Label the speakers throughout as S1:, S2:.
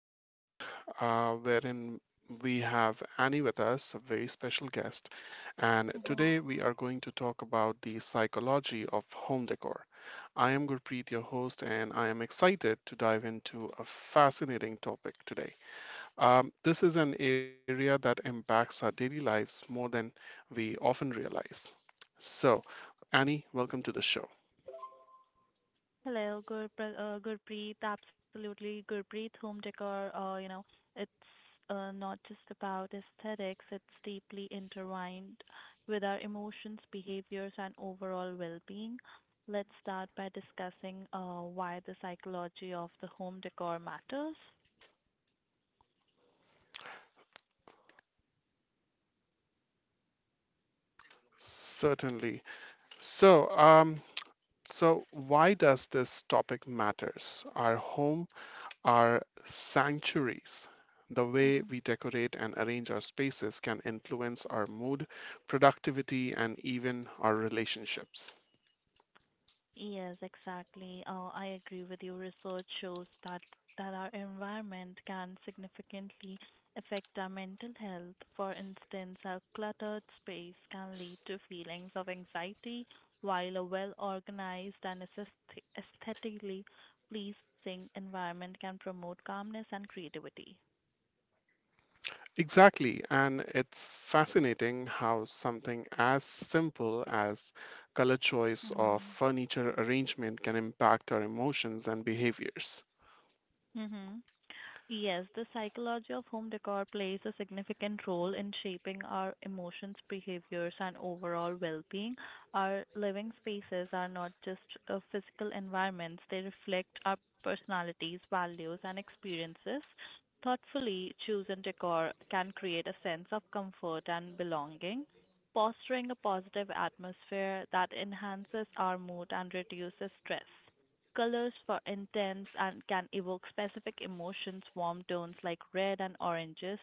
S1: episode, wherein we have Annie with us, a very special guest. And
S2: Mhm.
S1: today we are going to talk about the psychology of home decor. I am Gurpreet, your host, and I am excited to dive into a fascinating topic today. This is an area that impacts our daily lives more than we often realize. So, Annie, welcome to the show.
S2: Hello, Gurpreet. Absolutely, Gurpreet. Home decor, it's not just about aesthetics, it's deeply intertwined with our emotions, behaviors, and overall well being. Let's start by discussing why the psychology of the home decor matters.
S1: Certainly. So, um, So why does this topic matters? Our sanctuaries, the way
S2: Mm-hmm.
S1: we decorate and arrange our spaces can influence our mood, productivity, and even our relationships.
S2: Yes, exactly. I agree with you. Research shows that our environment can significantly affect our mental health. For instance, a cluttered space can lead to feelings of anxiety, while a well-organized and aesthetically pleasing environment can promote calmness and creativity.
S1: Exactly, and it's fascinating how something as simple as color choice or
S2: hmm
S1: furniture arrangement can impact our emotions and behaviors.
S2: Mm-hmm. Yes, the psychology of home decor plays a significant role in shaping our emotions, behaviors, and overall well being. Our living spaces are not just physical environments, they reflect our personalities, values, and experiences. Thoughtfully chosen decor can create a sense of comfort and belonging, fostering a positive atmosphere that enhances our mood and reduces stress colors for intense and can evoke specific emotions. Warm tones like red and oranges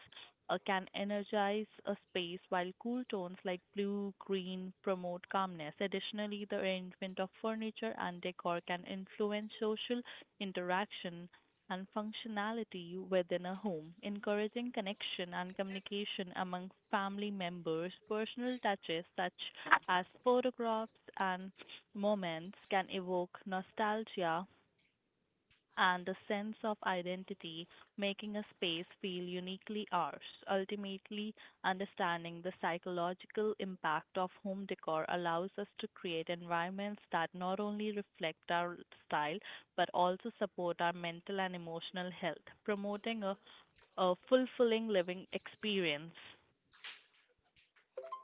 S2: can energize a space, while cool tones like blue, green promote calmness. Additionally, the arrangement of furniture and decor can influence social interaction and functionality within a home, encouraging connection and communication among family members. Personal touches such as photographs and moments can evoke nostalgia and a sense of identity, making a space feel uniquely ours, ultimately understanding the psychological impact of home decor allows us to create environments that not only reflect our style but also support our mental and emotional health, promoting a fulfilling living experience.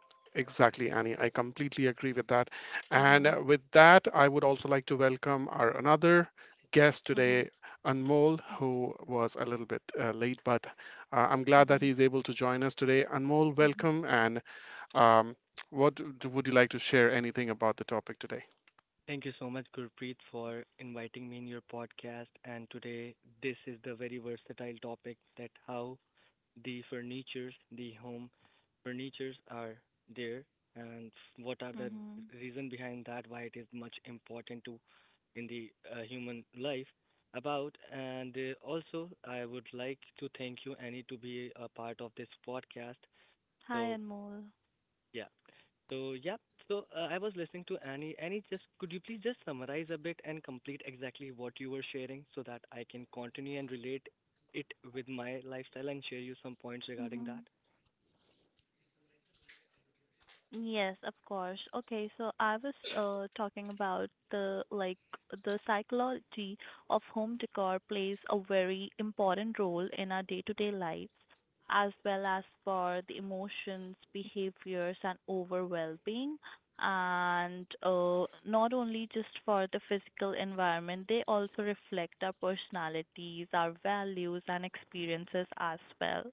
S1: Exactly, Annie. I completely agree with that. And
S2: Mhm.
S1: with that, I would also like to welcome our another guest
S2: Mhm.
S1: today, Anmol, who was a little bit late, but I'm glad that
S2: Mhm.
S1: he's able to join us today. Anmol,
S2: Mhm.
S1: welcome. And um, would you like to share anything about the topic today?
S3: Thank you so much, Gurpreet, for inviting me in your podcast. And today, this is the very versatile topic that how the furnitures, the home furnitures are there, and what are the
S2: Mhm.
S3: reason behind that, why it is much important to in the human life about. And also, I would like to thank you, Annie, to be a part of this podcast.
S2: Hi,
S3: So
S2: Anmol.
S3: yeah, so yeah, so I was listening to Annie. Annie, just could you please just summarize a bit and complete exactly what you were sharing so that I can continue and relate it with my lifestyle and share you some points
S2: Mhm.
S3: regarding that?
S2: Yes, of course. Okay, so I was talking about the like the psychology of home decor plays a very important role in our day-to-day lives, as well as for the emotions, behaviors, and overall well-being. And not only just for the physical environment, they also reflect our personalities, our values, and experiences as well.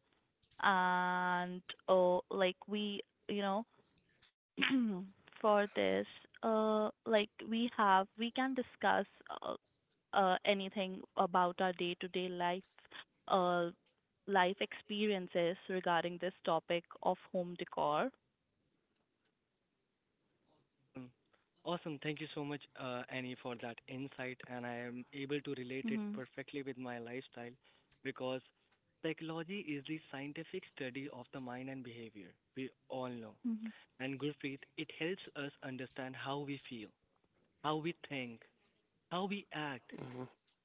S2: And like we, you know for this, like we have, we can discuss uh, anything about our day-to-day life, uh, life experiences regarding this topic of home decor.
S3: Awesome. Awesome. Thank you so much, Annie, for that insight. And I am able to relate it
S2: Mm-hmm.
S3: perfectly with my lifestyle because psychology is the scientific study of the mind and behavior. We all know.
S2: Mhm,
S3: And Gurpreet, it helps us understand how we feel, how we think, how we
S1: hmm
S3: act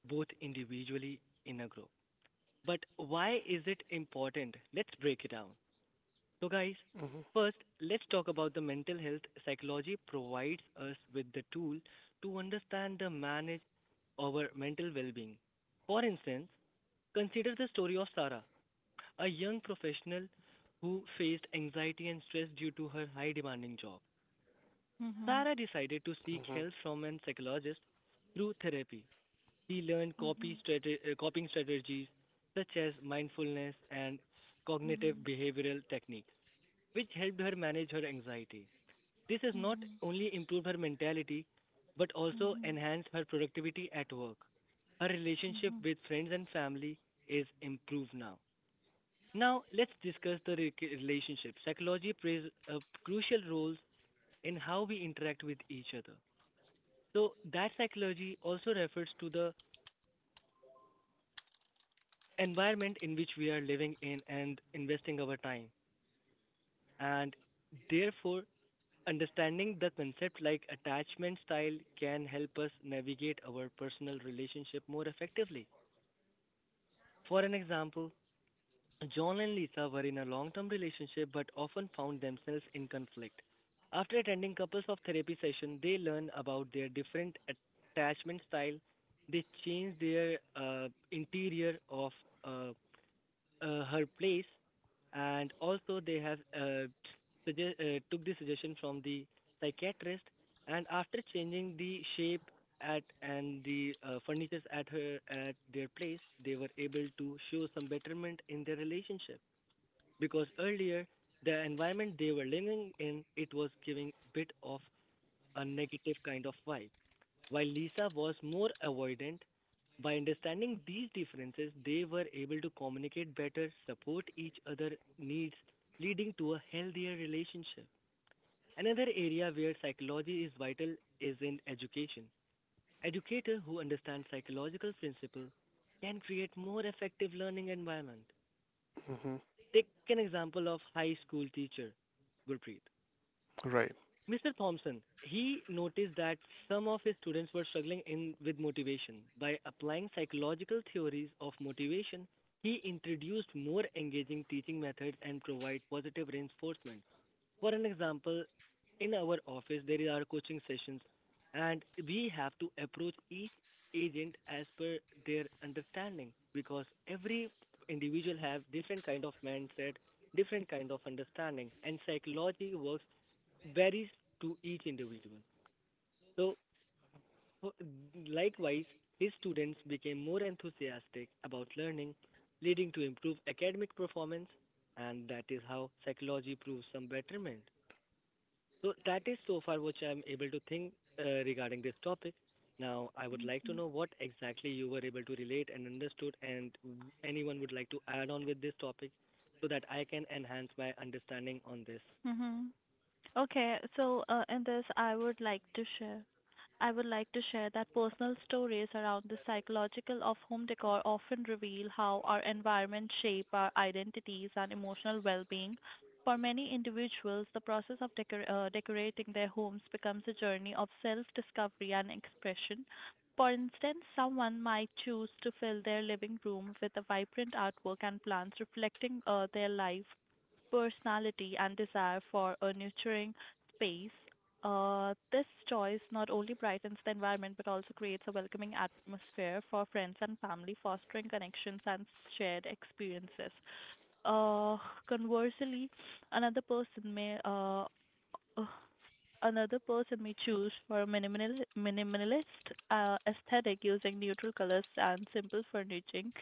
S3: both individually in a group. But why is it important? Let's break it down. So, guys,
S1: hmm
S3: first, let's talk about the mental health. Psychology provides us with the tool to understand and manage our mental well being. For instance, consider the story of Sarah, a young professional who faced anxiety and stress due to her high demanding job.
S2: mhm,
S3: Sarah decided to seek
S1: hmm
S3: help from a psychologist through therapy. He learned
S2: mhm,
S3: coping strategies such as mindfulness and cognitive
S2: mhm,
S3: behavioral techniques, which helped her manage her anxiety. This has not
S2: mhm,
S3: only improved her mentality but also enhanced her productivity at work. Her
S2: mhm,
S3: relationship
S2: mhm,
S3: with friends and family is improved now. Now, let's discuss the relationship. Psychology plays a crucial role in how we interact with each other. So, that psychology also refers to the environment in which we are living in and investing our time. And therefore, understanding the concept like attachment style can help us navigate our personal relationship more effectively. For an example, John and Lisa were in a long term relationship but often found themselves in conflict. After attending couples of therapy session, they learn about their different attachment style. They change their interior of uh, her place, and also they have took the suggestion from the psychiatrist, and after changing the shape at and the furnitures at her at their place, they were able to show some betterment in their relationship because earlier the environment they were living in it was giving bit of a negative kind of vibe while Lisa was more avoidant, by understanding these differences, they were able to communicate better, support each other's needs, leading to a healthier relationship. Another area where psychology is vital is in education. Educators who understand psychological principles can create more effective learning environment.
S1: hmm
S3: Take an example of high school teacher Gurpreet.
S1: Right.
S3: Mr. Thompson, he noticed that some of his students were struggling in with motivation. By applying psychological theories of motivation, he introduced more engaging teaching methods and provide positive reinforcement. For an example, in our office there are coaching sessions and we have to approach each agent as per their understanding because every individual have different kind of mindset different kind of understanding and psychology works varies to each individual. So, for- likewise, his students became more enthusiastic about learning, leading to improved academic performance, and that is how psychology proves some betterment. So, that is so far which I'm able to think regarding this topic. Now, I would like to
S2: mhm,
S3: know what exactly you were able to relate and understood, and anyone would like to add on with this topic so that I can enhance my understanding on this.
S2: mhm. Okay, so in this, I would like to share. I would like to share that personal stories around the psychological of home decor often reveal how our environment shape our identities and emotional well-being. For many individuals, the process of decorating their homes becomes a journey of self-discovery and expression. For instance, someone might choose to fill their living room with a vibrant artwork and plants reflecting their life personality and desire for a nurturing space, this choice not only brightens the environment but also creates a welcoming atmosphere for friends and family, fostering connections and shared experiences. Uh, conversely, another person may uh, uh, Another person may choose for a minimalist aesthetic using neutral colors and simple furnishing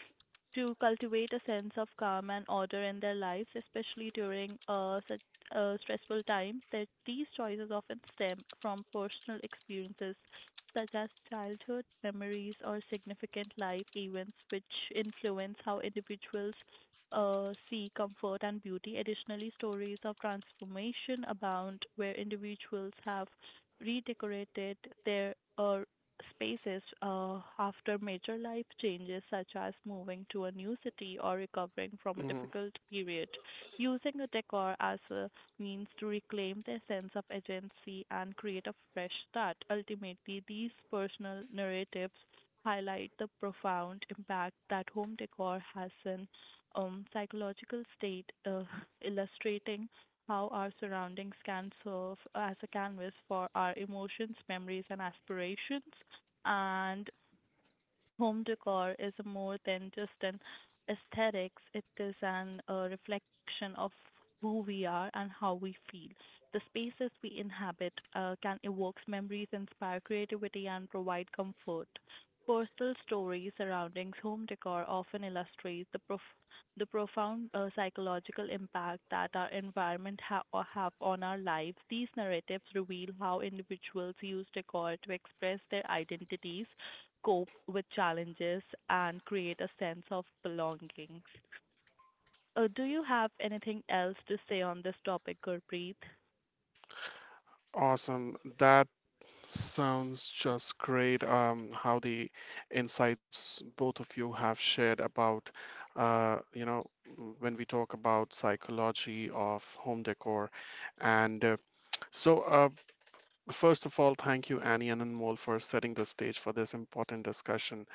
S2: to cultivate a sense of calm and order in their lives, especially during such stressful times. That these choices often stem from personal experiences such as childhood memories or significant life events, which influence how individuals see comfort and beauty. Additionally, stories of transformation abound where individuals have redecorated their spaces after major life changes, such as moving to a new city or recovering from a difficult
S1: hmm
S2: period. Using a decor as a means to reclaim their sense of agency and create a fresh start. Ultimately, these personal narratives highlight the profound impact that home decor has on psychological state, illustrating how our surroundings can serve as a canvas for our emotions, memories, and aspirations. And Home decor is more than just an aesthetics, it is an a reflection of who we are and how we feel. The spaces we inhabit can evoke memories, inspire creativity, and provide comfort. Personal stories surrounding home decor often illustrates the profound psychological impact that our environment or have on our lives. These narratives reveal how individuals use decor to express their identities, cope with challenges and create a sense of belonging. Do you have anything else to say on this topic, Gurpreet?
S1: Awesome. That sounds just great. How the insights both of you have shared about, uh, you know, when we talk about psychology of home decor, and so first of all, thank you, Annie and Anmol, for setting the stage for this important discussion.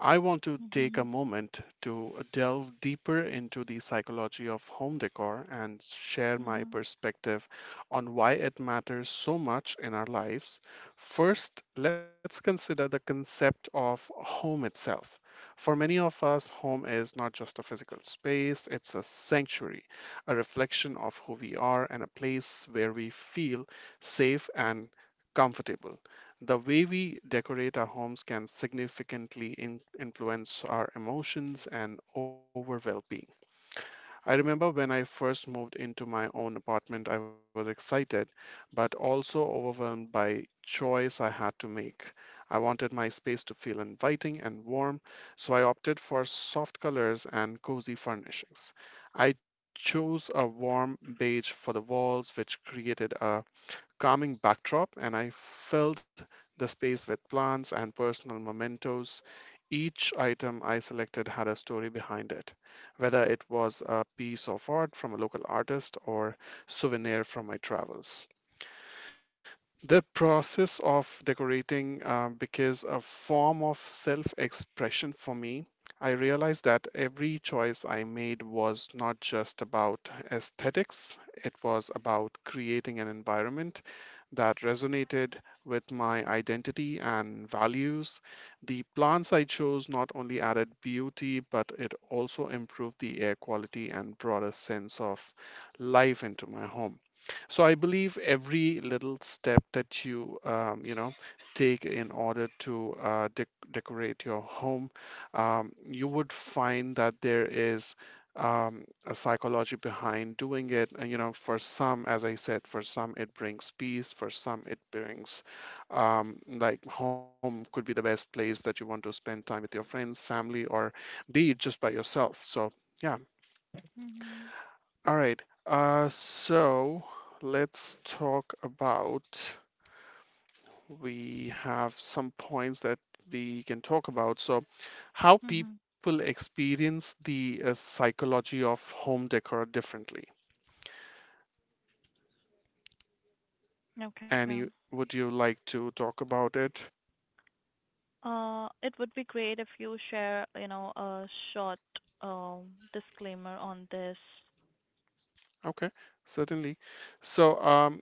S1: I want to take
S2: Mhm.
S1: a moment to delve deeper into the psychology of home decor and share my
S2: Mhm.
S1: perspective on why it matters so much in our lives. First, let's consider the concept of home itself. For many of us, home is not just a physical space, it's a sanctuary, a reflection of who we are, and a place where we feel safe and comfortable. The way we decorate our homes can significantly influence our emotions and overall well-being. I remember when I first moved into my own apartment, I was excited, but also overwhelmed by choice I had to make. I wanted my space to feel inviting and warm, so I opted for soft colors and cozy furnishings. I chose a warm beige for the walls, which created a calming backdrop, and I filled the space with plants and personal mementos. Each item I selected had a story behind it, whether it was a piece of art from a local artist or souvenir from my travels. The process of decorating becomes a form of self-expression for me. I realized that every choice I made was not just about aesthetics, it was about creating an environment that resonated with my identity and values. The plants I chose not only added beauty, but it also improved the air quality and brought a sense of life into my home. So I believe every little step that you take in order to decorate your home, you would find that there is um, a psychology behind doing it. And, you know, for some, as I said, for some it brings peace, for some it brings, like, home could be the best place that you want to spend time with your friends, family, or be it just by yourself. So, yeah.
S2: Mhm.
S1: All right. Let's talk about, we have some points that we can talk about. So, how
S2: Mhm.
S1: people experience the psychology of home decor differently.
S2: Okay.
S1: Annie, would you like to talk about it?
S2: It would be great if you share, you know, a short disclaimer on this.
S1: Okay, certainly. So, um,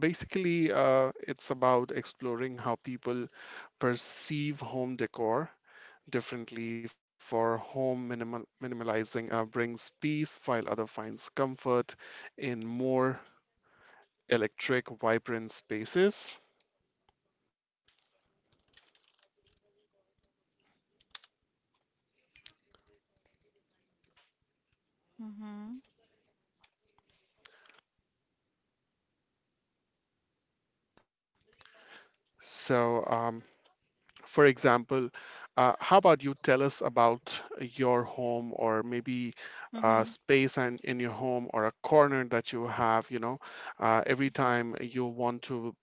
S1: Basically, it's about exploring how people perceive home decor differently. For home minimalizing brings peace, while other finds comfort in more electric, vibrant spaces.
S2: Mhm.
S1: So, um, For example, how about you tell us about your home or maybe a
S2: Mhm.
S1: space and in your home or a corner that you have, you know, every time you want to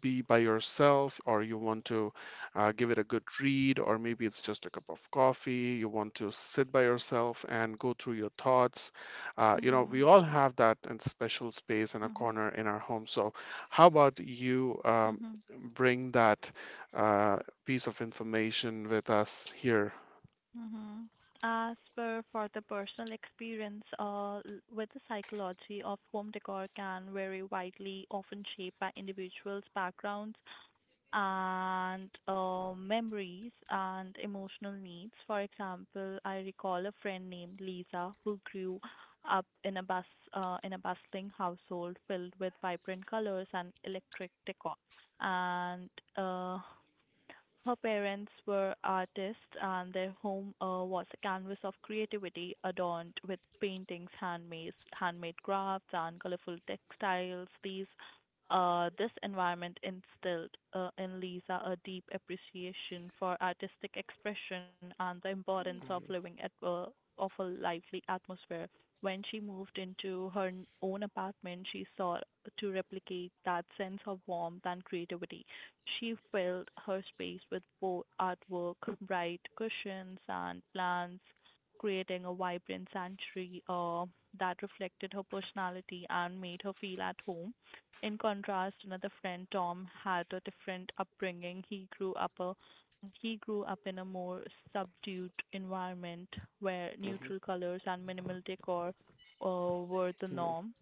S1: be by yourself or you want to give it a good read or maybe it's just a cup of coffee, you want to sit by yourself and go through your thoughts. You know, we
S2: Mhm.
S1: all have that and special space and a
S2: Mhm.
S1: corner in our home. So how about you
S2: Mhm.
S1: bring that? uh, piece of information with us here.
S2: Mm-hmm. As per for the personal experience with the psychology of home decor can vary widely, often shaped by individuals' backgrounds and memories and emotional needs. For example, I recall a friend named Lisa who grew up in a bus in a bustling household filled with vibrant colors and electric decor. And uh, her parents were artists, and their home was a canvas of creativity adorned with paintings, handmade crafts, and colorful textiles. These this environment instilled in Lisa a deep appreciation for artistic expression and the importance of living at of a lively atmosphere. When she moved into her own apartment, she sought to replicate that sense of warmth and creativity she filled her space with bold artwork, bright cushions, and plants, creating a vibrant sanctuary that reflected her personality and made her feel at home. In contrast, another friend, Tom, had a different upbringing. He grew up in a more subdued environment where neutral
S1: Mhm,
S2: colors and minimal decor uh, were the
S1: mhm,
S2: norm.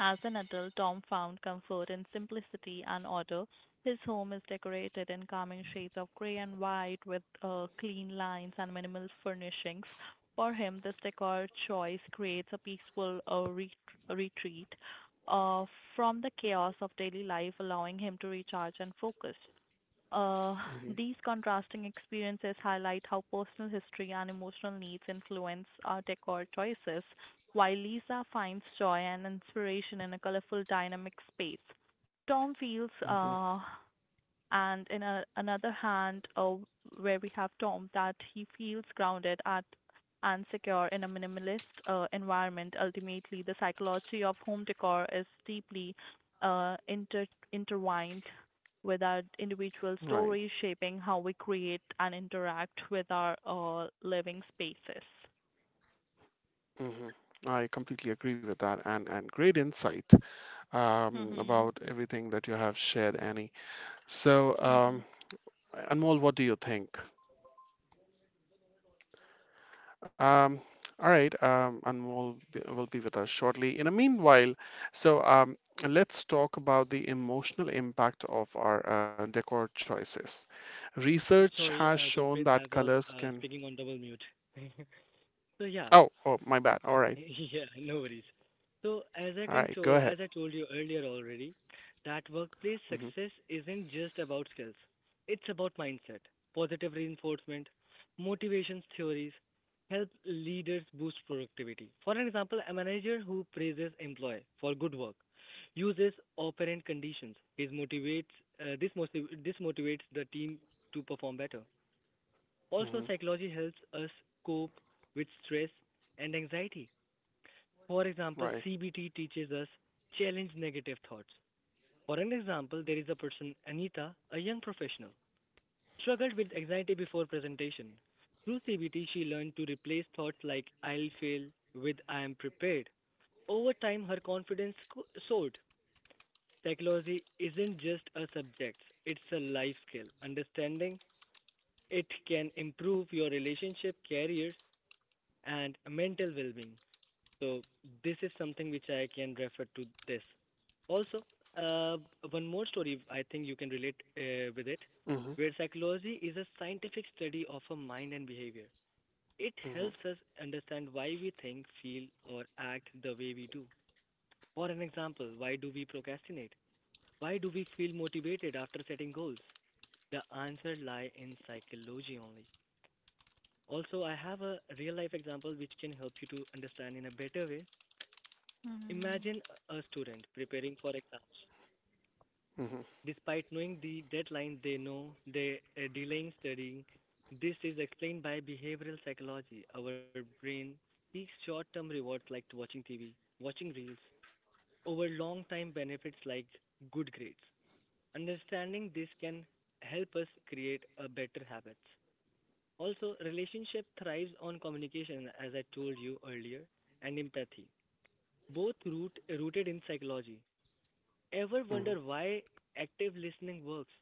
S2: As an adult, Tom found comfort in simplicity and order. His home is decorated in calming shades of gray and white with clean lines and minimal furnishings. For him, this decor choice creates a peaceful retreat uh, from the chaos of daily life, allowing him to recharge and focus. Uh,
S1: mhm,
S2: these contrasting experiences highlight how personal history and emotional needs influence our decor choices, while Lisa finds joy and inspiration in a colorful, dynamic space. Tom feels,
S1: mhm.
S2: and in a, another hand, where we have Tom, that he feels grounded at and secure in a minimalist environment. Ultimately, the psychology of home decor is deeply intertwined with our individual
S1: Right.
S2: stories shaping how we create and interact with our living spaces.
S1: mhm. I completely agree with that, and great insight
S2: Mhm.
S1: about everything that you have shared, Annie. So,
S2: Mhm.
S1: Anmol, what do you think? Um, all right, will be with us shortly. In the meanwhile, so let's talk about the emotional impact of our decor choices. Research
S3: Sorry,
S1: has shown
S3: Gurpreet, I
S1: that
S3: was
S1: colors can.
S3: speaking on double mute. So yeah,
S1: Oh, oh, my bad. All right,
S3: yeah, no worries. So as I
S1: all
S3: can
S1: right. Go
S3: tell,
S1: ahead.
S3: as I told you earlier already, that workplace
S1: Mhm,
S3: success isn't just about skills. It's about mindset, positive reinforcement, motivations theories, help leaders boost productivity. For an example, a manager who praises employee for good work uses operant conditions. This motivates the team to perform better. Also,
S1: mhm,
S3: psychology helps us cope with stress and anxiety. For example,
S1: right.
S3: CBT teaches us challenge negative thoughts. For an example, there is a person, Anita, a young professional, struggled with anxiety before presentation. Through CBT, she learned to replace thoughts like I'll fail with I am prepared. Over time, soared. Psychology isn't just a subject, it's a life skill. Understanding it can improve your relationship, careers, and mental well-being. So this is something which I can refer to this. Also, uh, one more story I think you can relate with it,
S1: Mhm,
S3: where psychology is a scientific study of a mind and behavior. It
S1: mhm,
S3: helps us understand why we think, feel, or act the way we do. For an example, why do we procrastinate? Why do we feel motivated after setting goals? The answer lie in psychology only. Also, I have a real life example which can help you to understand in a better way. Imagine
S2: Mhm.
S3: a student preparing for exams.
S1: mhm,
S3: Despite knowing the deadline, they know they are delaying studying. This is explained by behavioral psychology. Our brain seeks short term rewards like watching TV, watching reels, over long time benefits like good grades. Understanding this can help us create a better habits. Also, relationship thrives on communication, as I told you earlier, and empathy, rooted in psychology. Ever
S1: mhm,
S3: wonder why active listening works?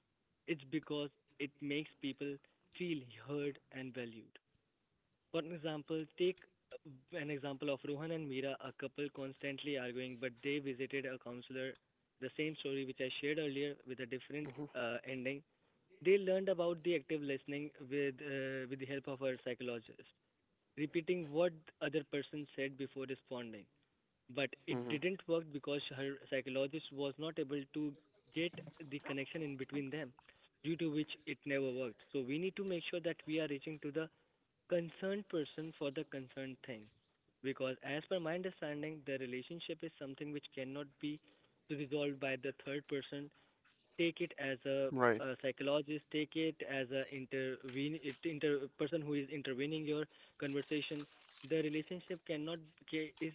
S3: It's because it makes people feel heard and valued. For an example, take an example of Rohan and Meera, a couple constantly arguing, but they visited a counselor. The same story which I shared earlier with a different
S1: mhm,
S3: ending. They learned about the active listening with the help of our psychologist, repeating what the other person said before responding but it
S1: mhm,
S3: didn't work because her psychologist was not able to get the connection in between them due to which it never worked so we need to make sure that we are reaching to the concerned person for the concerned thing because as per my understanding the relationship is something which cannot be resolved by the third person take it as
S1: right.
S3: a psychologist take it as a intervene it inter person who is intervening your conversation the relationship cannot is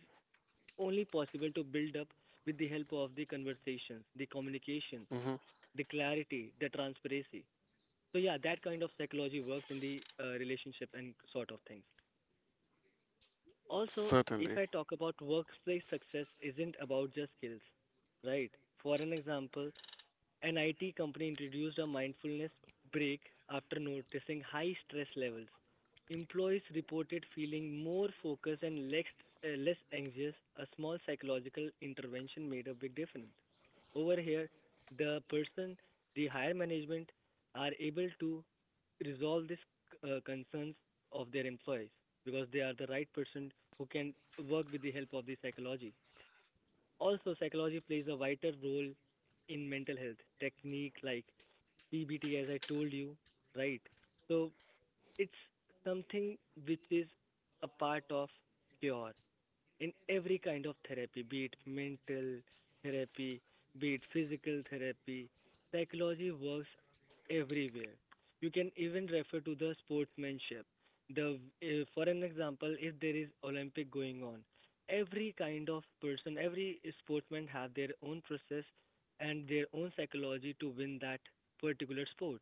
S3: only possible to build up with the help of the conversations, the communication,
S1: Mhm,
S3: the clarity, the transparency. So yeah, that kind of psychology works in the relationship and sort of things. Also, if
S1: certainly.
S3: I talk about workplace success isn't about just skills, right? For an example, an IT company introduced a mindfulness break after noticing high stress levels. Employees reported feeling more focused and less anxious. A small psychological intervention made a big difference. Over here, the person, the higher management are able to resolve these concerns of their employees because they are the right person who can work with the help of the psychology. Also, psychology plays a vital role in mental health technique like PBT, as I told you, right? So it's something which is a part of cure in every kind of therapy, be it mental therapy, be it physical therapy. Psychology works everywhere. You can even refer to the sportsmanship. The For an example, if there is Olympic going on, every kind of person, every sportsman have their own process and their own psychology to win that particular sport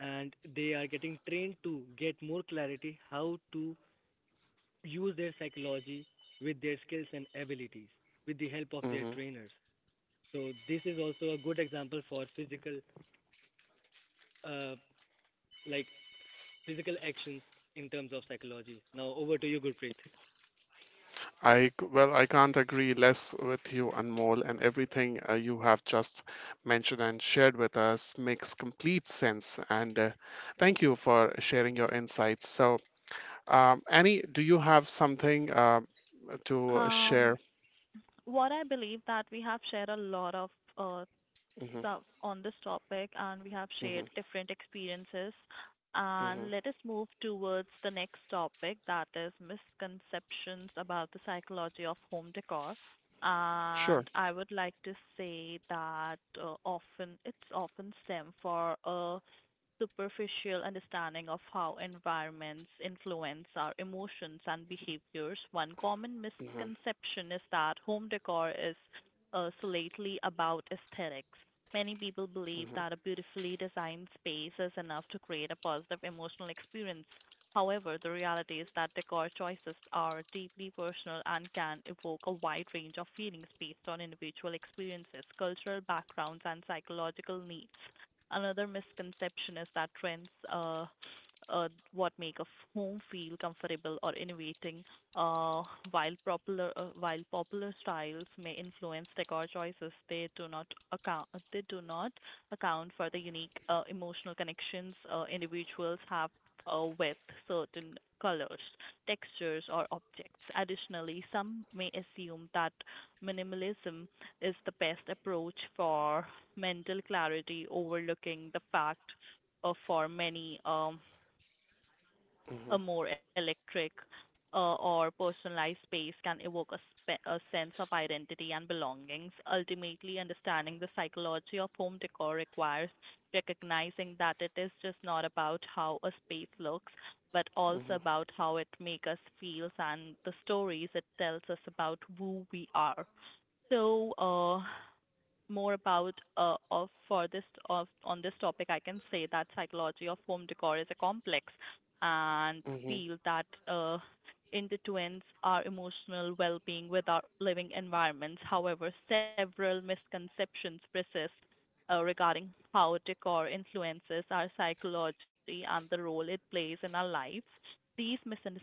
S3: and they are getting trained to get more clarity how to use their psychology with their skills and abilities with the help of their
S1: Mhm.
S3: trainers. So this is also a good example for physical, uh, like physical actions in terms of psychology. Now over to you, Gurpreet.
S1: Well, I can't agree less with you, Anmol, and everything you have just mentioned and shared with us makes complete sense. And thank you for sharing your insights. So, Annie, do you have something to
S2: Um,
S1: share?
S2: what I believe that we have shared a lot of uh,
S1: hmm
S2: on this topic and we have shared
S1: hmm
S2: different experiences.
S1: hmm
S2: And let us move towards the next topic that is misconceptions about the psychology of home decor.
S1: Sure.
S2: And I would like to say that often it's often stem for a superficial understanding of how environments influence our emotions and behaviors, one common
S1: hmm
S2: misconception is that home decor is solely about aesthetics. Many people believe that a beautifully designed space is enough to create a positive emotional experience. However, the reality is that decor choices are deeply personal and can evoke a wide range of feelings based on individual experiences, cultural backgrounds, and psychological needs. Another misconception is that trends what make a home feel comfortable or innovating, uh, while popular styles may influence decor choices, they do not account for the unique emotional connections individuals have with certain colors, textures, or objects. Additionally, some may assume that minimalism is the best approach for mental clarity, overlooking the fact for many
S1: hmm
S2: a more electric or personalized space can evoke a sense of identity and belongings. Ultimately, understanding the psychology of home decor requires recognizing that it is just not about how a space looks, but also
S1: Mm-hmm,
S2: about how it makes us feel and the stories it tells us about who we are. So, more about of for this of on this topic, I can say that psychology of home decor is a complex and field
S1: mm-hmm,
S2: that intertwines our emotional well-being with our living environments. However, several misconceptions persist regarding how decor influences our psychology and the role it plays in our lives. These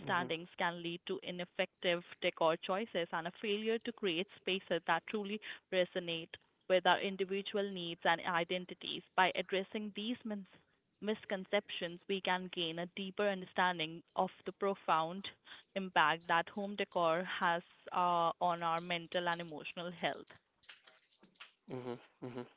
S1: mm-hmm,
S2: can lead to ineffective decor choices and a failure to create spaces that truly resonate with our individual needs and identities. By addressing these misconceptions, we can gain a deeper understanding of the profound impact that home decor has on our mental and emotional health.
S1: mm-hmm, hmm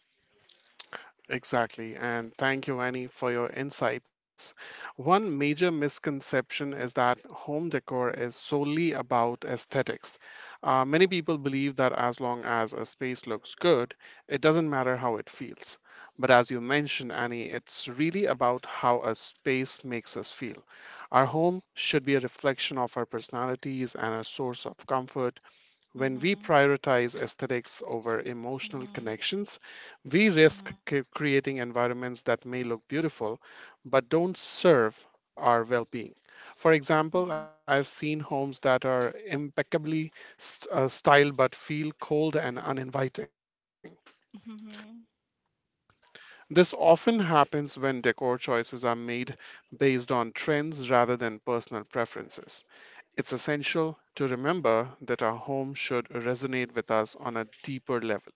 S1: Exactly. And thank you, Annie, for your insights. One major misconception is that home decor is solely about aesthetics. Many people believe that as long as a space looks good, it doesn't matter how it feels. But as you mentioned, Annie, it's really about how a space makes us feel. Our home should be a reflection of our personalities and a source of comfort. When we
S2: Mhm.
S1: prioritize aesthetics over emotional
S2: Mhm.
S1: connections, we risk
S2: Mhm.
S1: creating environments that may look beautiful but don't serve our well being. For example, I've seen homes that are impeccably styled but feel cold and uninviting.
S2: Mhm. Mhm.
S1: This often happens when decor choices are made based on trends rather than personal preferences. It's essential to remember that our home should resonate with us on a deeper level.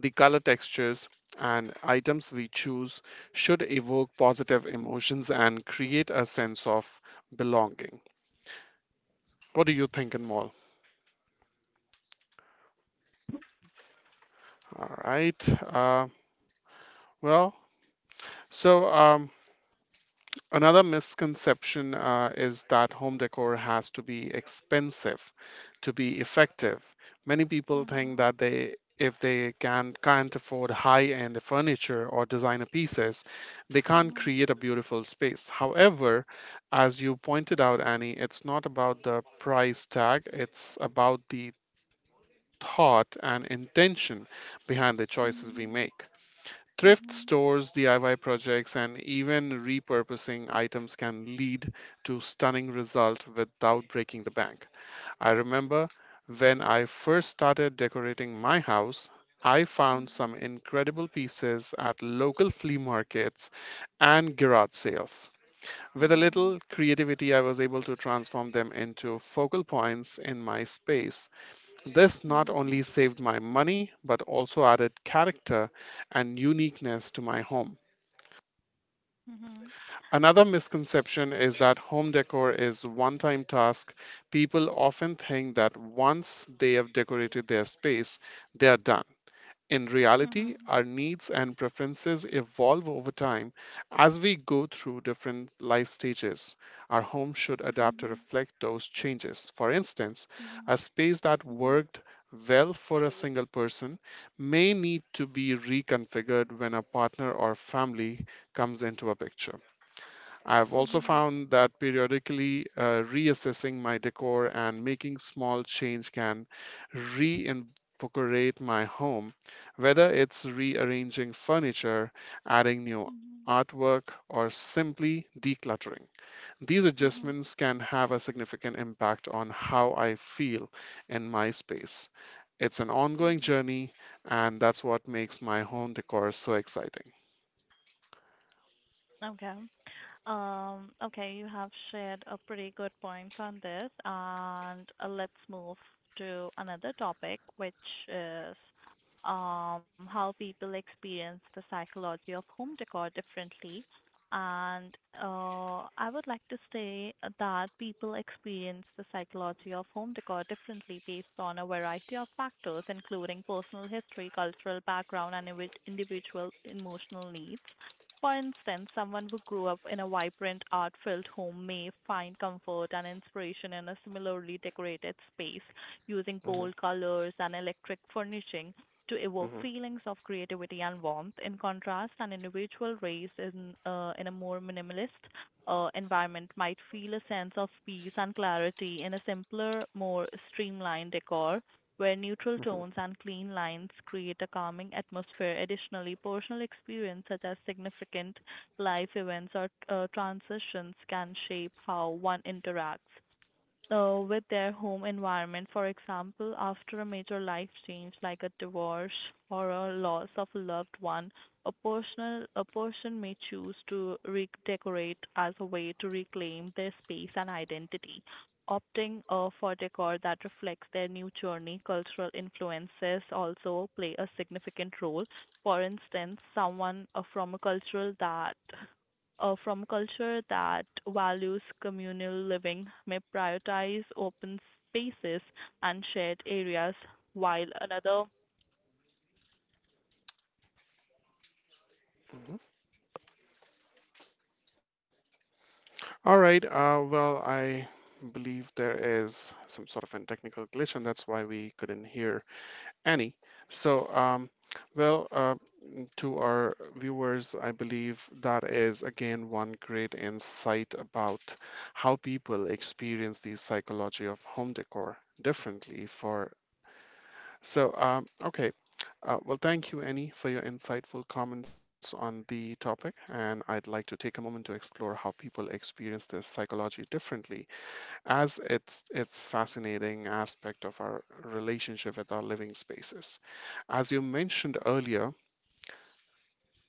S1: The color textures and items we choose should evoke positive emotions and create a sense of belonging. What do you think, Anmol? All right. Well, so um, Another misconception is that home decor has to be expensive to be effective. Many people think that they if they can can't afford high-end furniture or designer pieces, they can't
S2: Mhm.
S1: create a beautiful space. However, as you pointed out, Annie, it's not about the price tag, it's about the thought and intention behind the choices we make. Thrift
S2: Mhm.
S1: stores, DIY projects, and even repurposing items can lead to stunning results without breaking the bank. I remember when I first started decorating my house, I found some
S2: Mhm.
S1: incredible pieces at local flea markets and garage sales. With a
S2: Mhm.
S1: little creativity, I was able to transform them into focal points in my space. This not
S2: Mhm.
S1: only saved my money, but also added character and uniqueness to my home.
S2: Mhm.
S1: Another misconception is that home decor is one-time task. People often think that once they have decorated their space, they are done. In reality,
S2: Mhm.
S1: our needs and preferences evolve over time as we go through different life stages. Our home should adapt to
S2: Mhm.
S1: reflect those changes. For instance,
S2: Mhm. Mhm. Mhm.
S1: a space that worked well for a single person may need to be reconfigured when a partner or family comes into a picture. I've also
S2: Mhm.
S1: found that periodically reassessing my decor and making small change can reinvigorate my home, whether it's rearranging furniture, adding new
S2: Mhm.
S1: artwork, or simply decluttering. These
S2: Mhm.
S1: adjustments
S2: Mhm.
S1: can have a significant impact on how I feel in my space. It's an ongoing
S2: Mhm.
S1: journey, and that's what makes my home decor so exciting.
S2: Okay. Okay, you have shared a pretty good points on this, and let's move to another topic, which is how people experience the psychology of home decor differently. And I would like to say that people experience the psychology of home decor differently based on a variety of factors, including personal history, cultural background, and individual emotional needs. For instance, someone who grew up in a vibrant, art filled home may find comfort and inspiration in a similarly decorated space, using
S1: hmm
S2: bold colors and electric furnishing to evoke
S1: hmm
S2: feelings of creativity and warmth. In contrast, an individual raised in a more minimalist environment might feel a sense of peace and clarity in a simpler, more streamlined decor where neutral tones
S1: hmm
S2: and clean lines create a calming atmosphere. Additionally, personal experience such as significant life events or transitions can shape how one interacts with their home environment. For example, after a major life change like a divorce or a loss of a loved one, a person may choose to redecorate as a way to reclaim their space and identity, opting for decor that reflects their new journey. Cultural influences also play a significant role. For instance, someone from a culture that from culture that values communal living may prioritize open spaces and shared areas, while another.
S1: hmm All right. I believe there is some sort of a technical glitch, and that's why we couldn't hear Annie. So, well, uh, to our viewers, I believe that is again one great insight about how people experience the psychology of home decor differently. Okay. Thank you, Annie, for your insightful comments on the topic. And I'd like to take a moment to explore how people experience this psychology differently, as it's fascinating aspect of our relationship with our living spaces. As you mentioned earlier,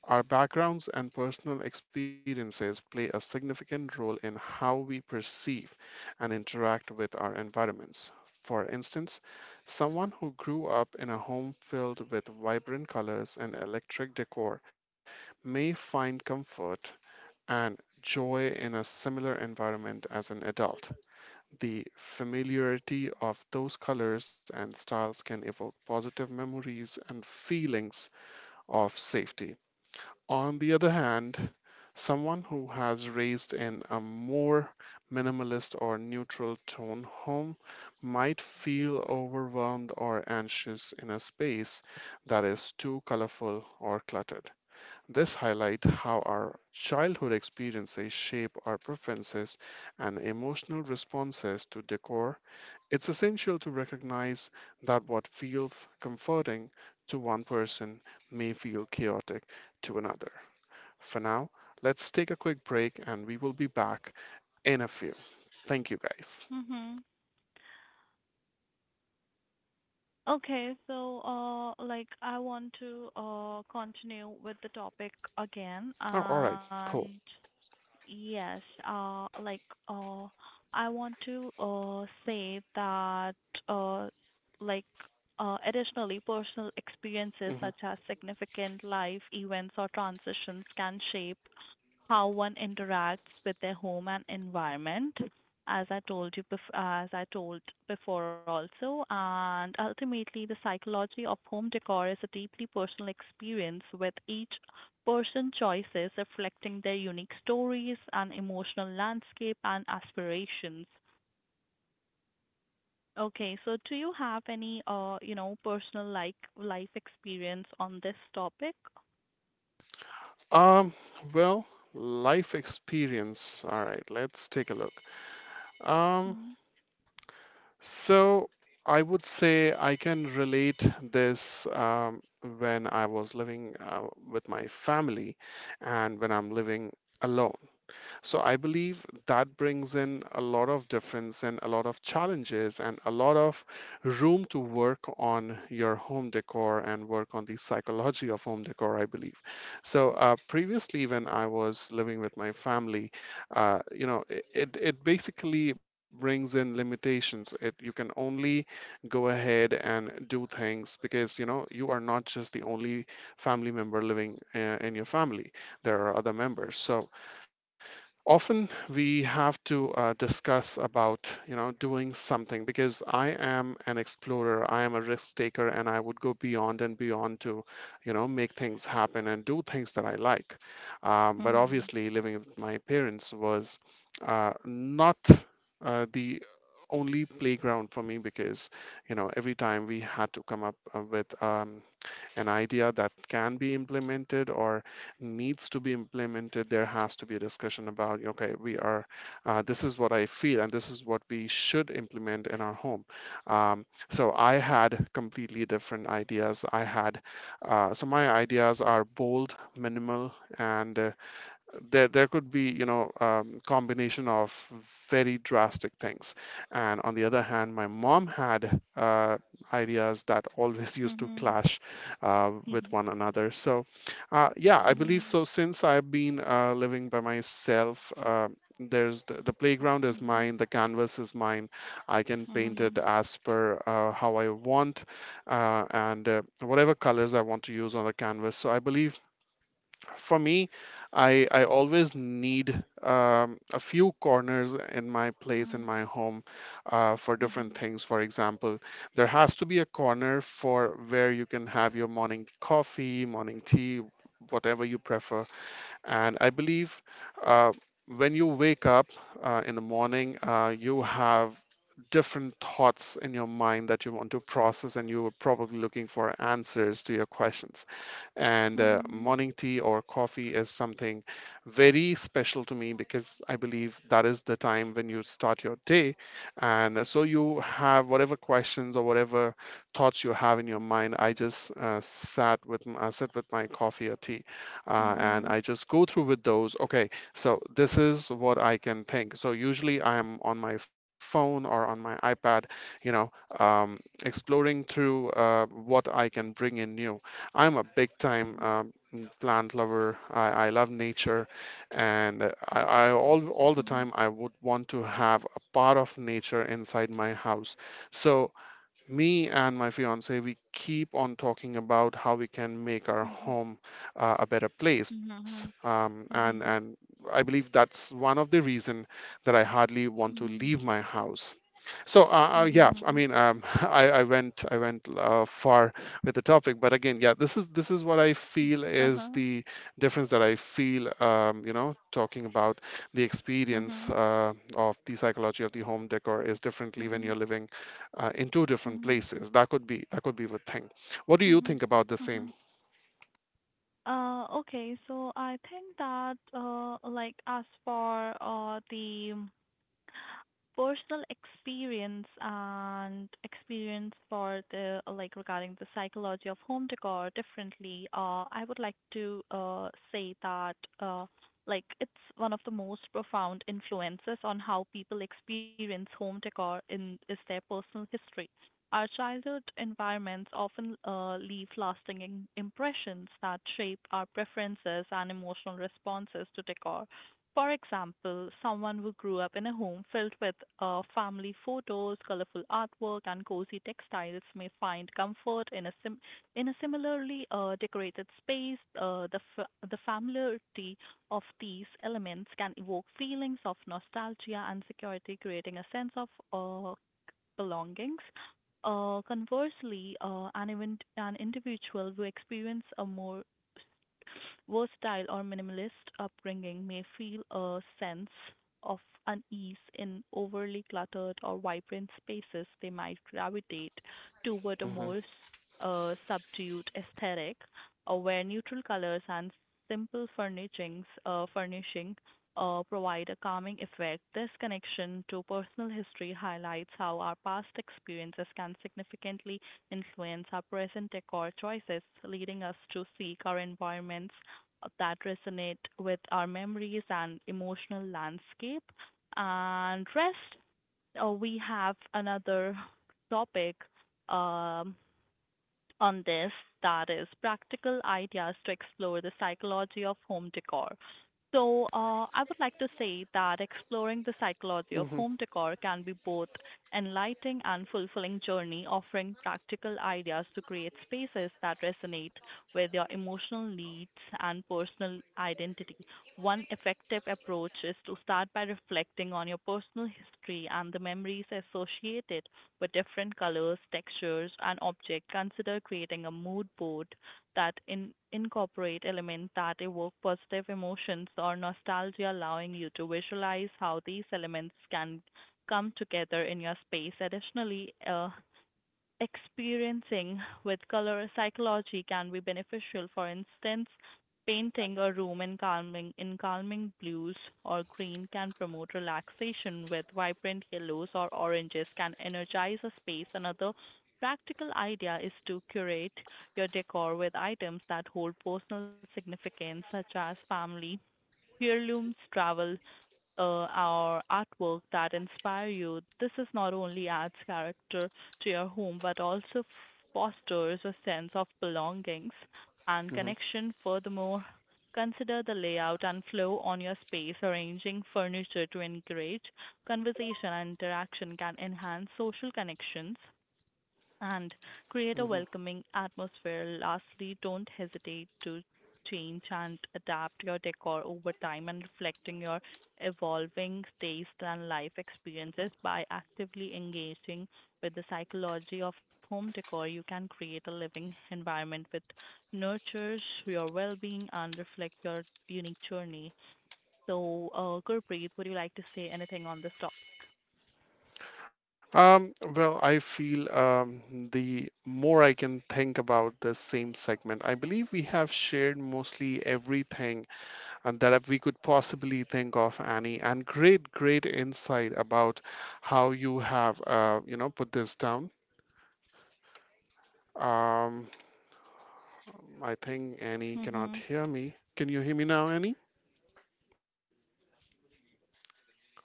S1: our backgrounds and personal experiences play a significant role in how we perceive and interact with our environments. For instance, someone who grew up in a home filled with vibrant colors and electric decor may find comfort and joy in a similar environment as an adult. The familiarity of those colors and styles can evoke positive memories and feelings of safety. On the other hand, someone who has raised in a more minimalist or neutral tone home might feel overwhelmed or anxious in a space that is too colorful or cluttered. This highlights how our childhood experiences shape our preferences and emotional responses to decor. It's essential to recognize that what feels comforting to one person may feel chaotic to another. For now, let's take a quick break and we will be back in a few. Thank you guys.
S2: Mm-hmm. Okay, so like I want to continue with the topic again,
S1: Oh, all right,
S2: and
S1: cool.
S2: yes, uh, like uh, I want to say that uh, like additionally, personal experiences such
S1: hmm
S2: as significant life events or transitions can shape how one interacts with their home and environment, as I told you bef- as I told before also, and ultimately the psychology of home decor is a deeply personal experience, with each person choices reflecting their unique stories and emotional landscape and aspirations. Okay, so do you have any personal like life experience on this topic?
S1: Um, well, life experience. All right, let's take a look. Um,
S2: Mm-hmm.
S1: so I would say I can relate this when I was living with my family and when I'm living alone. So I believe that brings in a lot of difference and a lot of challenges and a lot of room to work on your home decor and work on the psychology of home decor, I believe. So previously, when I was living with my family, it basically brings in limitations. It, you can only go ahead and do things because, you know, you are not just the only family member living in your family. There are other members. So often we have to discuss about doing something because I am an explorer, I am a risk taker, and I would go beyond and beyond to make things happen and do things that I like. But
S2: Mm-hmm.
S1: obviously, living with my parents was not the only playground for me because every time we had to come up with an idea that can be implemented or needs to be implemented, there has to be a discussion about, okay, we are, this is what I feel and this is what we should implement in our home. So I had completely different ideas. I had, so my ideas are bold, minimal, and there could be combination of very drastic things, and on the other hand, my mom had ideas that always used to
S2: Mm-hmm.
S1: clash with one another. So yeah, I believe
S2: Mm-hmm.
S1: so. Since I've been living by myself, the playground is
S2: Mm-hmm.
S1: mine, the canvas is mine. I can paint it
S2: Mhm.
S1: as per how I want, and whatever colors I want to use on the canvas. So I believe for me, I always need a few corners in my place, in
S2: Mhm.
S1: my home, for different
S2: Mhm.
S1: things. For example, there has to be a corner for where you can have your morning coffee, morning tea, whatever you prefer. And I believe uh, when you wake up in the morning, you have different thoughts in your mind that you want to process, and you're probably looking for answers to your questions. And
S2: Mhm.
S1: morning tea or coffee is something very special to me because I believe that is the time when you start your day. And so you have whatever questions or whatever thoughts you have in your mind. I just I sit with my coffee or tea and
S2: Mhm.
S1: I just go through with those. Okay, so this is what I can think. So usually I am on my phone or on my iPad, you know, um, exploring through what I can bring in new. I'm a big time
S2: Mhm.
S1: plant lover. I love nature, and I all the
S2: Mhm.
S1: time I would want to have a part of nature inside my house. So me and my fiance, we keep on talking about how we can make our
S2: Mhm.
S1: home a better place.
S2: Mhm.
S1: And
S2: Mhm.
S1: I believe that's one of the reason that I hardly want to
S2: Mhm.
S1: leave my house. So
S2: Mhm.
S1: I went far with the topic, but again, yeah, this is what I feel is
S2: Uh-huh.
S1: the difference that I feel, you know, talking about the experience
S2: Mhm.
S1: of the psychology of the home decor is differently when
S2: Mhm.
S1: you're living in two different
S2: Mhm.
S1: places. That could be the thing. What do you
S2: Mhm.
S1: think about the same?
S2: Mhm. Okay, so I think that like as for the personal experience and experience for the like regarding the psychology of home decor differently, I would like to say that it's one of the most profound influences on how people experience home decor in is their personal history. Our childhood environments often leave lasting impressions that shape our preferences and emotional responses to decor. For example, someone who grew up in a home filled with family photos, colorful artwork, and cozy textiles may find comfort in a similarly decorated space. The familiarity of these elements can evoke feelings of nostalgia and security, creating a sense of belongings. Conversely, an individual who experiences a more versatile or minimalist upbringing may feel a sense of unease in overly cluttered or vibrant spaces. They might gravitate toward a more
S1: Hmm.
S2: subdued aesthetic, where neutral colors and simple furnishing provide a calming effect. This connection to personal history highlights how our past experiences can significantly influence our present decor choices, leading us to seek our environments that resonate with our memories and emotional landscape. And rest, we have another topic. Um, on this, that is practical ideas to explore the psychology of home decor. So, I would like to say that exploring the psychology of home
S1: Hmm.
S2: decor can be both enlightening and fulfilling journey, offering practical ideas to create spaces that resonate with your emotional needs and personal identity. One effective approach is to start by reflecting on your personal history and the memories associated with different colors, textures, and objects. Consider creating a mood board that incorporate elements that evoke positive emotions or nostalgia, allowing you to visualize how these elements can come together in your space. Additionally, experiencing with color psychology can be beneficial. For instance, painting a room in calming blues or green can promote relaxation, with vibrant yellows or oranges can energize a space. Another practical idea is to curate your decor with items that hold personal significance, such as family heirlooms, travel our artwork that inspire you. This is not only adds character to your home but also fosters a sense of belongings and
S1: Hmm.
S2: connection. Furthermore, consider the layout and flow on your space. Arranging furniture to encourage conversation and interaction can enhance social connections and create a
S1: Hmm.
S2: welcoming atmosphere. Lastly, don't hesitate to change and adapt your decor over time and reflecting your evolving taste and life experiences. By actively engaging with the psychology of home decor, you can create a living environment that nurtures your well-being and reflects your unique journey. So Gurpreet, would you like to say anything on this topic?
S1: Well, I feel the more I can think about the same segment, I believe we have shared mostly everything and that we could possibly think of, Annie, and great, great insight about how you have, put this down. Um, I think Annie cannot
S2: Mhm.
S1: hear me. Can you hear me now, Annie? Hello.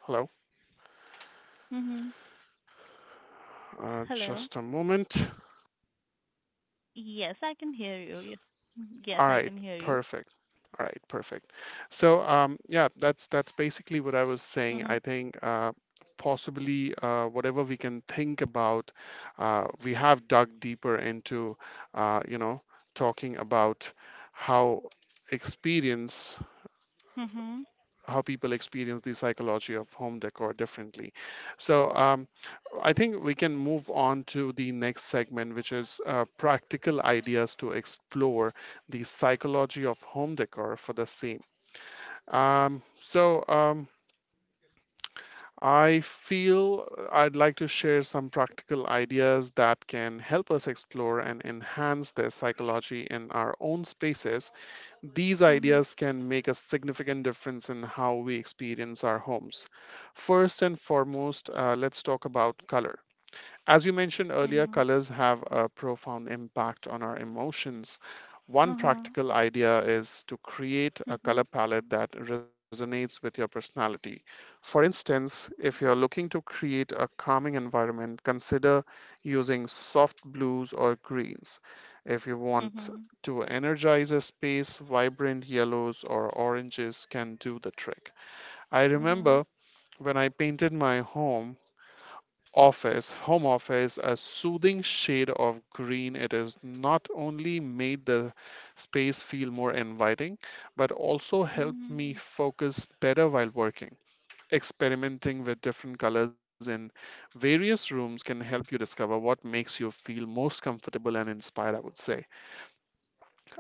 S2: Mhm.
S1: Just a
S2: Hello.
S1: moment.
S2: Yes, I can hear you. Ye- Mhm. Yes,
S1: All
S2: I
S1: right,
S2: can hear you.
S1: perfect. All right, perfect. So, yeah, that's basically what I was saying.
S2: Mhm.
S1: I think possibly whatever we can think about, we have dug deeper into, uh, you know, talking about how experience
S2: Mhm.
S1: how people experience the psychology of home decor differently. So I think we can move on to the next segment, which is practical ideas to explore the psychology of home decor for the same. Um, so um, I feel I'd like to share some practical ideas that can help us explore and enhance their psychology in our own spaces. These
S2: Mhm.
S1: ideas can make a significant difference in how we experience our homes. First and foremost, let's talk about color. As you mentioned earlier,
S2: Mhm.
S1: colors have a profound impact on our emotions. One
S2: Mhm.
S1: practical idea is to create a
S2: Mhm.
S1: color palette that resonates with your personality. For instance, if you're looking to create a calming environment, consider using soft blues or greens. If you want
S2: Mhm.
S1: to energize a space, vibrant yellows or oranges can do the trick. I
S2: Mhm.
S1: remember when I painted my home office, a soothing shade of green. It has not only made the space feel more inviting, but also helped me
S2: Mhm.
S1: focus better while working. Experimenting with different colors in various rooms can help you discover what makes you feel most comfortable and inspired, I would say.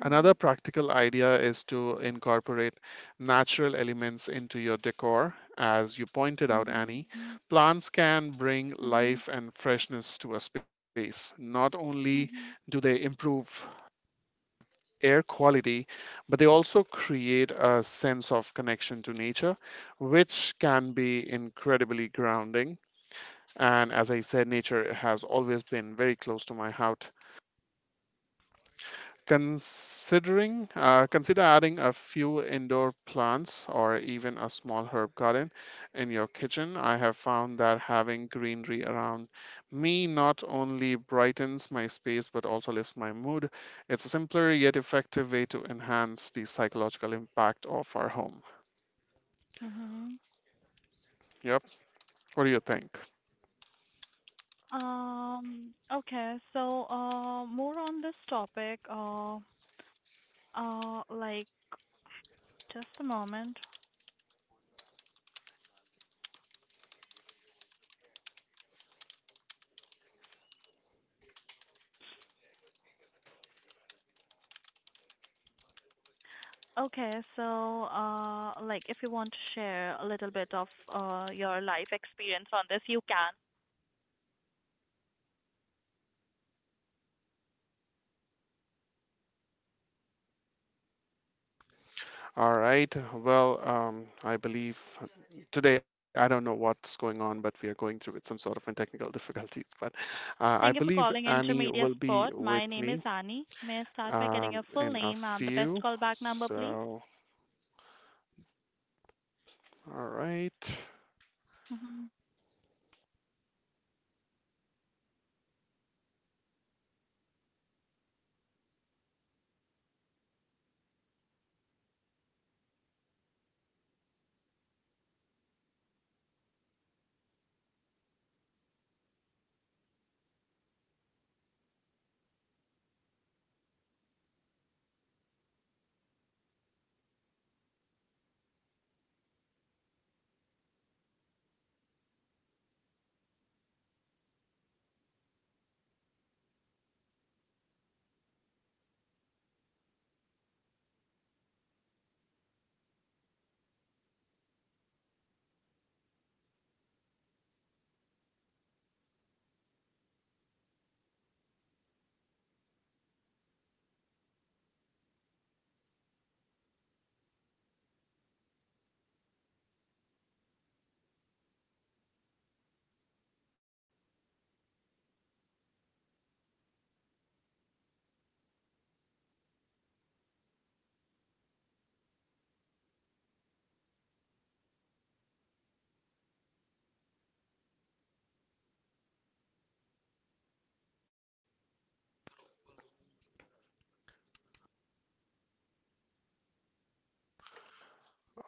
S1: Another practical idea is to incorporate natural elements into your decor. As you pointed out,
S2: Mhm.
S1: Annie, plants can bring
S2: Mhm.
S1: life and freshness to a space. Not only do
S2: Mhm.
S1: they improve air quality, but they also create a sense of connection to nature, which can be incredibly grounding. And as I said, nature has always been very close to my heart. Consider adding a few indoor plants or even a small herb garden in your kitchen. I have found that having greenery around me not only brightens my space but also lifts my mood. It's a simpler yet effective way to enhance the psychological impact of our home.
S2: Mhm.
S1: Yep. What do you think?
S2: Okay, so more on this topic, uh like just a moment. Okay, so like if you want to share a little bit of your life experience on this, you can.
S1: All right. Well, I believe today I don't know what's going on, but we are going through with some sort of and technical difficulties. But I
S2: Thank you for
S1: believe
S2: calling
S1: Annie
S2: Intermedia
S1: will be
S2: Sport. My
S1: with
S2: name is
S1: me
S2: Ani. May I start by getting your full
S1: in a
S2: name and the best
S1: few.
S2: callback number, please?
S1: So, all right.
S2: Mm-hmm.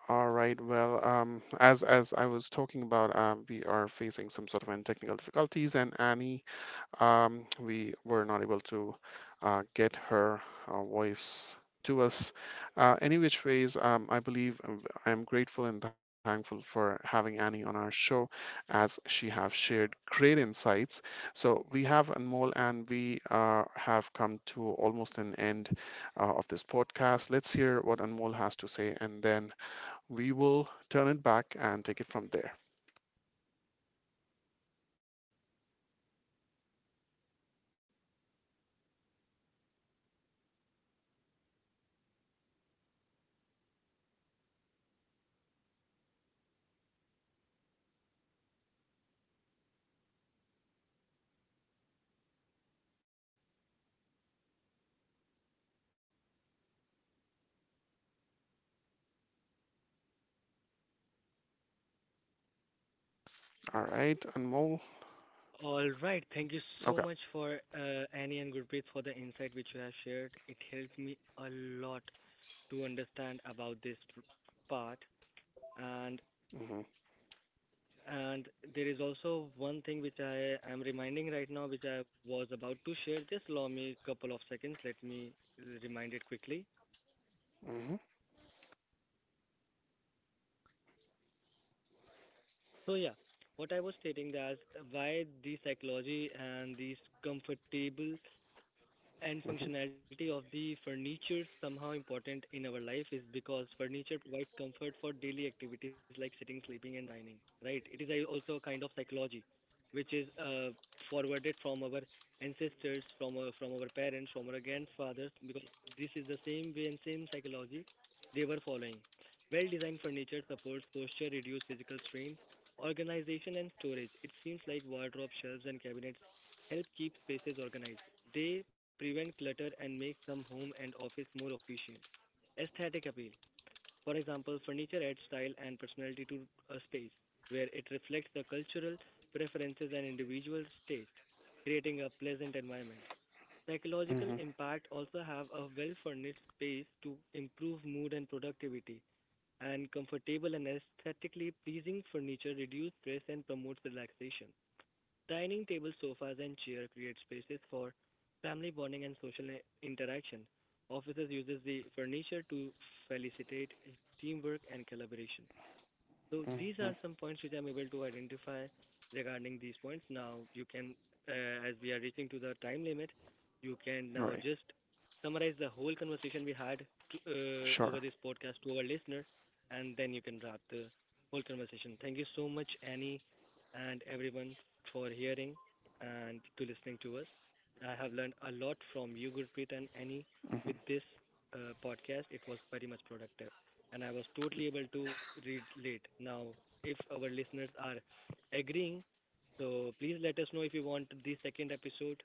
S1: All right. Well, as I was talking about, we are facing some sort of and technical difficulties, and Annie, we were not able to get her voice to us. Any which ways, I believe I am grateful and thankful for having Annie on our show, as she have shared great insights. So we have Anmol, and we have come to almost an end of this podcast. Let's hear what Anmol has to say, and then we will turn it back and take it from there. All right, Anmol.
S3: All right, thank you so
S1: Okay.
S3: much for Annie and Gurpreet for the insight which you have shared. It helped me a lot to understand about this part, and
S1: Hmm.
S3: And there is also one thing which I am reminding right now, which I was about to share. Just allow me a couple of seconds. Let me remind it quickly.
S1: Hmm.
S3: So yeah, what I was stating that why the psychology and these comfortable and
S1: Hmm.
S3: functionality of the furniture somehow important in our life is because furniture provides comfort for daily activities like sitting, sleeping, and dining, right? It is a, also a kind of psychology which is forwarded from our ancestors, from our parents, from our grandfathers, because this is the same way and same psychology they were following. Well-designed furniture supports posture, reduce physical strain, organization, and storage. It seems like wardrobe, shelves, and cabinets help keep spaces organized. They prevent clutter and make some home and office more efficient. Aesthetic appeal. For example, furniture adds style and personality to a space where it reflects the cultural preferences and individual's taste, creating a pleasant environment. Psychological
S1: Hmm.
S3: impact also have a well-furnished space to improve mood and productivity, and comfortable and aesthetically pleasing furniture reduce stress and promotes relaxation. Dining table sofas and chair create spaces for family bonding and social interaction. Offices uses the furniture to facilitate teamwork and collaboration. So
S1: Hmm.
S3: these are some points which I'm able to identify regarding these points. Now you can, as we are reaching to the time limit, you can
S1: Right.
S3: now just summarize the whole conversation we had to,
S1: Sure.
S3: over this podcast to our listener, and then you can wrap the whole conversation. Thank you so much, Annie, and everyone for hearing and to listening to us. I have learned a lot from you, Gurpreet and Annie, with
S1: Hmm.
S3: this podcast. It was very much productive and I was totally able to relate. Now, if our listeners are agreeing, so please let us know if you want the second episode.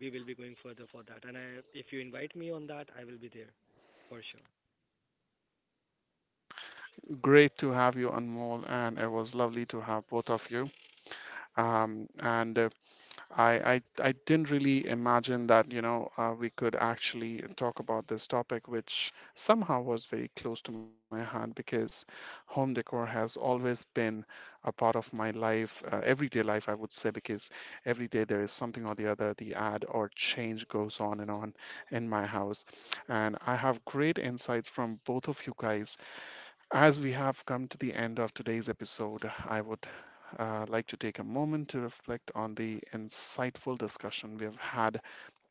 S3: We will be going further for that. And I, if you invite me on that, I will be there for sure.
S1: Great to have you, Anmol, and it was lovely to have both of you. And I didn't really imagine that, we could actually talk about this topic, which somehow was very close to my heart because home decor has always been a part of my life, everyday life, I would say, because every day there is something or the other, the add or change goes on and on in my house. And I have great insights from both of you guys. As we have come to the end of today's episode, I would like to take a moment to reflect on the insightful discussion we have had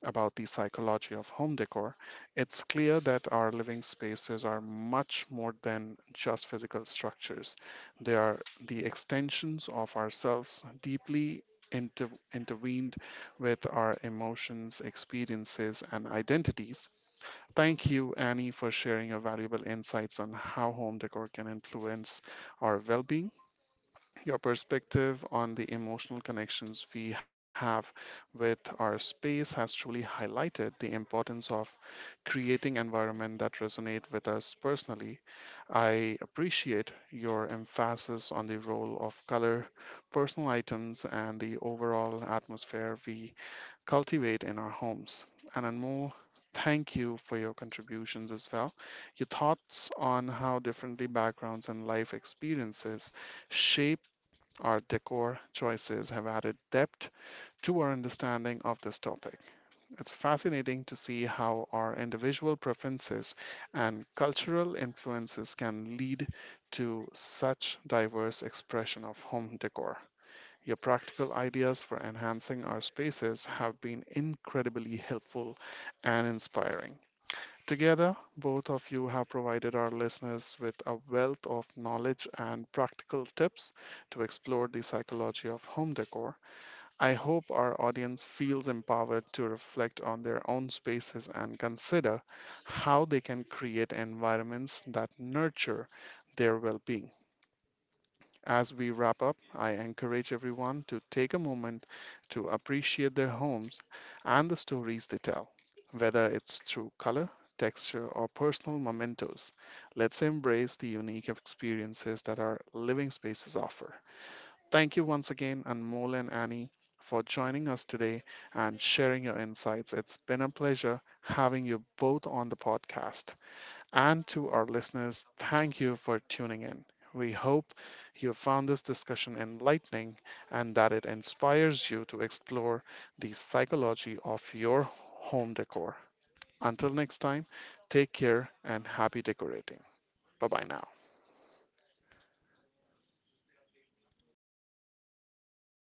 S1: about the psychology of home decor. It's clear that our living spaces are much more than just physical structures, they are the extensions of ourselves, deeply intervened with our emotions, experiences, and identities. Thank you, Annie, for sharing your valuable insights on how home decor can influence our well being. Your perspective on the emotional connections we have with our space has truly highlighted the importance of creating environments that resonate with us personally. I appreciate your emphasis on the role of color, personal items, and the overall atmosphere we cultivate in our homes. And Anmol, thank you for your contributions as well. Your thoughts on how differently backgrounds and life experiences shape our decor choices have added depth to our understanding of this topic. It's fascinating to see how our individual preferences and cultural influences can lead to such diverse expression of home decor. Your practical ideas for enhancing our spaces have been incredibly helpful and inspiring. Together, both of you have provided our listeners with a wealth of knowledge and practical tips to explore the psychology of home decor. I hope our audience feels empowered to reflect on their own spaces and consider how they can create environments that nurture their well being. As we wrap up, I encourage everyone to take a moment to appreciate their homes and the stories they tell, whether it's through color, texture, or personal mementos. Let's embrace the unique experiences that our living spaces offer. Thank you once again, Anmol and Annie, for joining us today and sharing your insights. It's been a pleasure having you both on the podcast. And to our listeners, thank you for tuning in. We hope you found this discussion enlightening and that it inspires you to explore the psychology of your home decor. Until next time, take care and happy decorating. Bye bye now.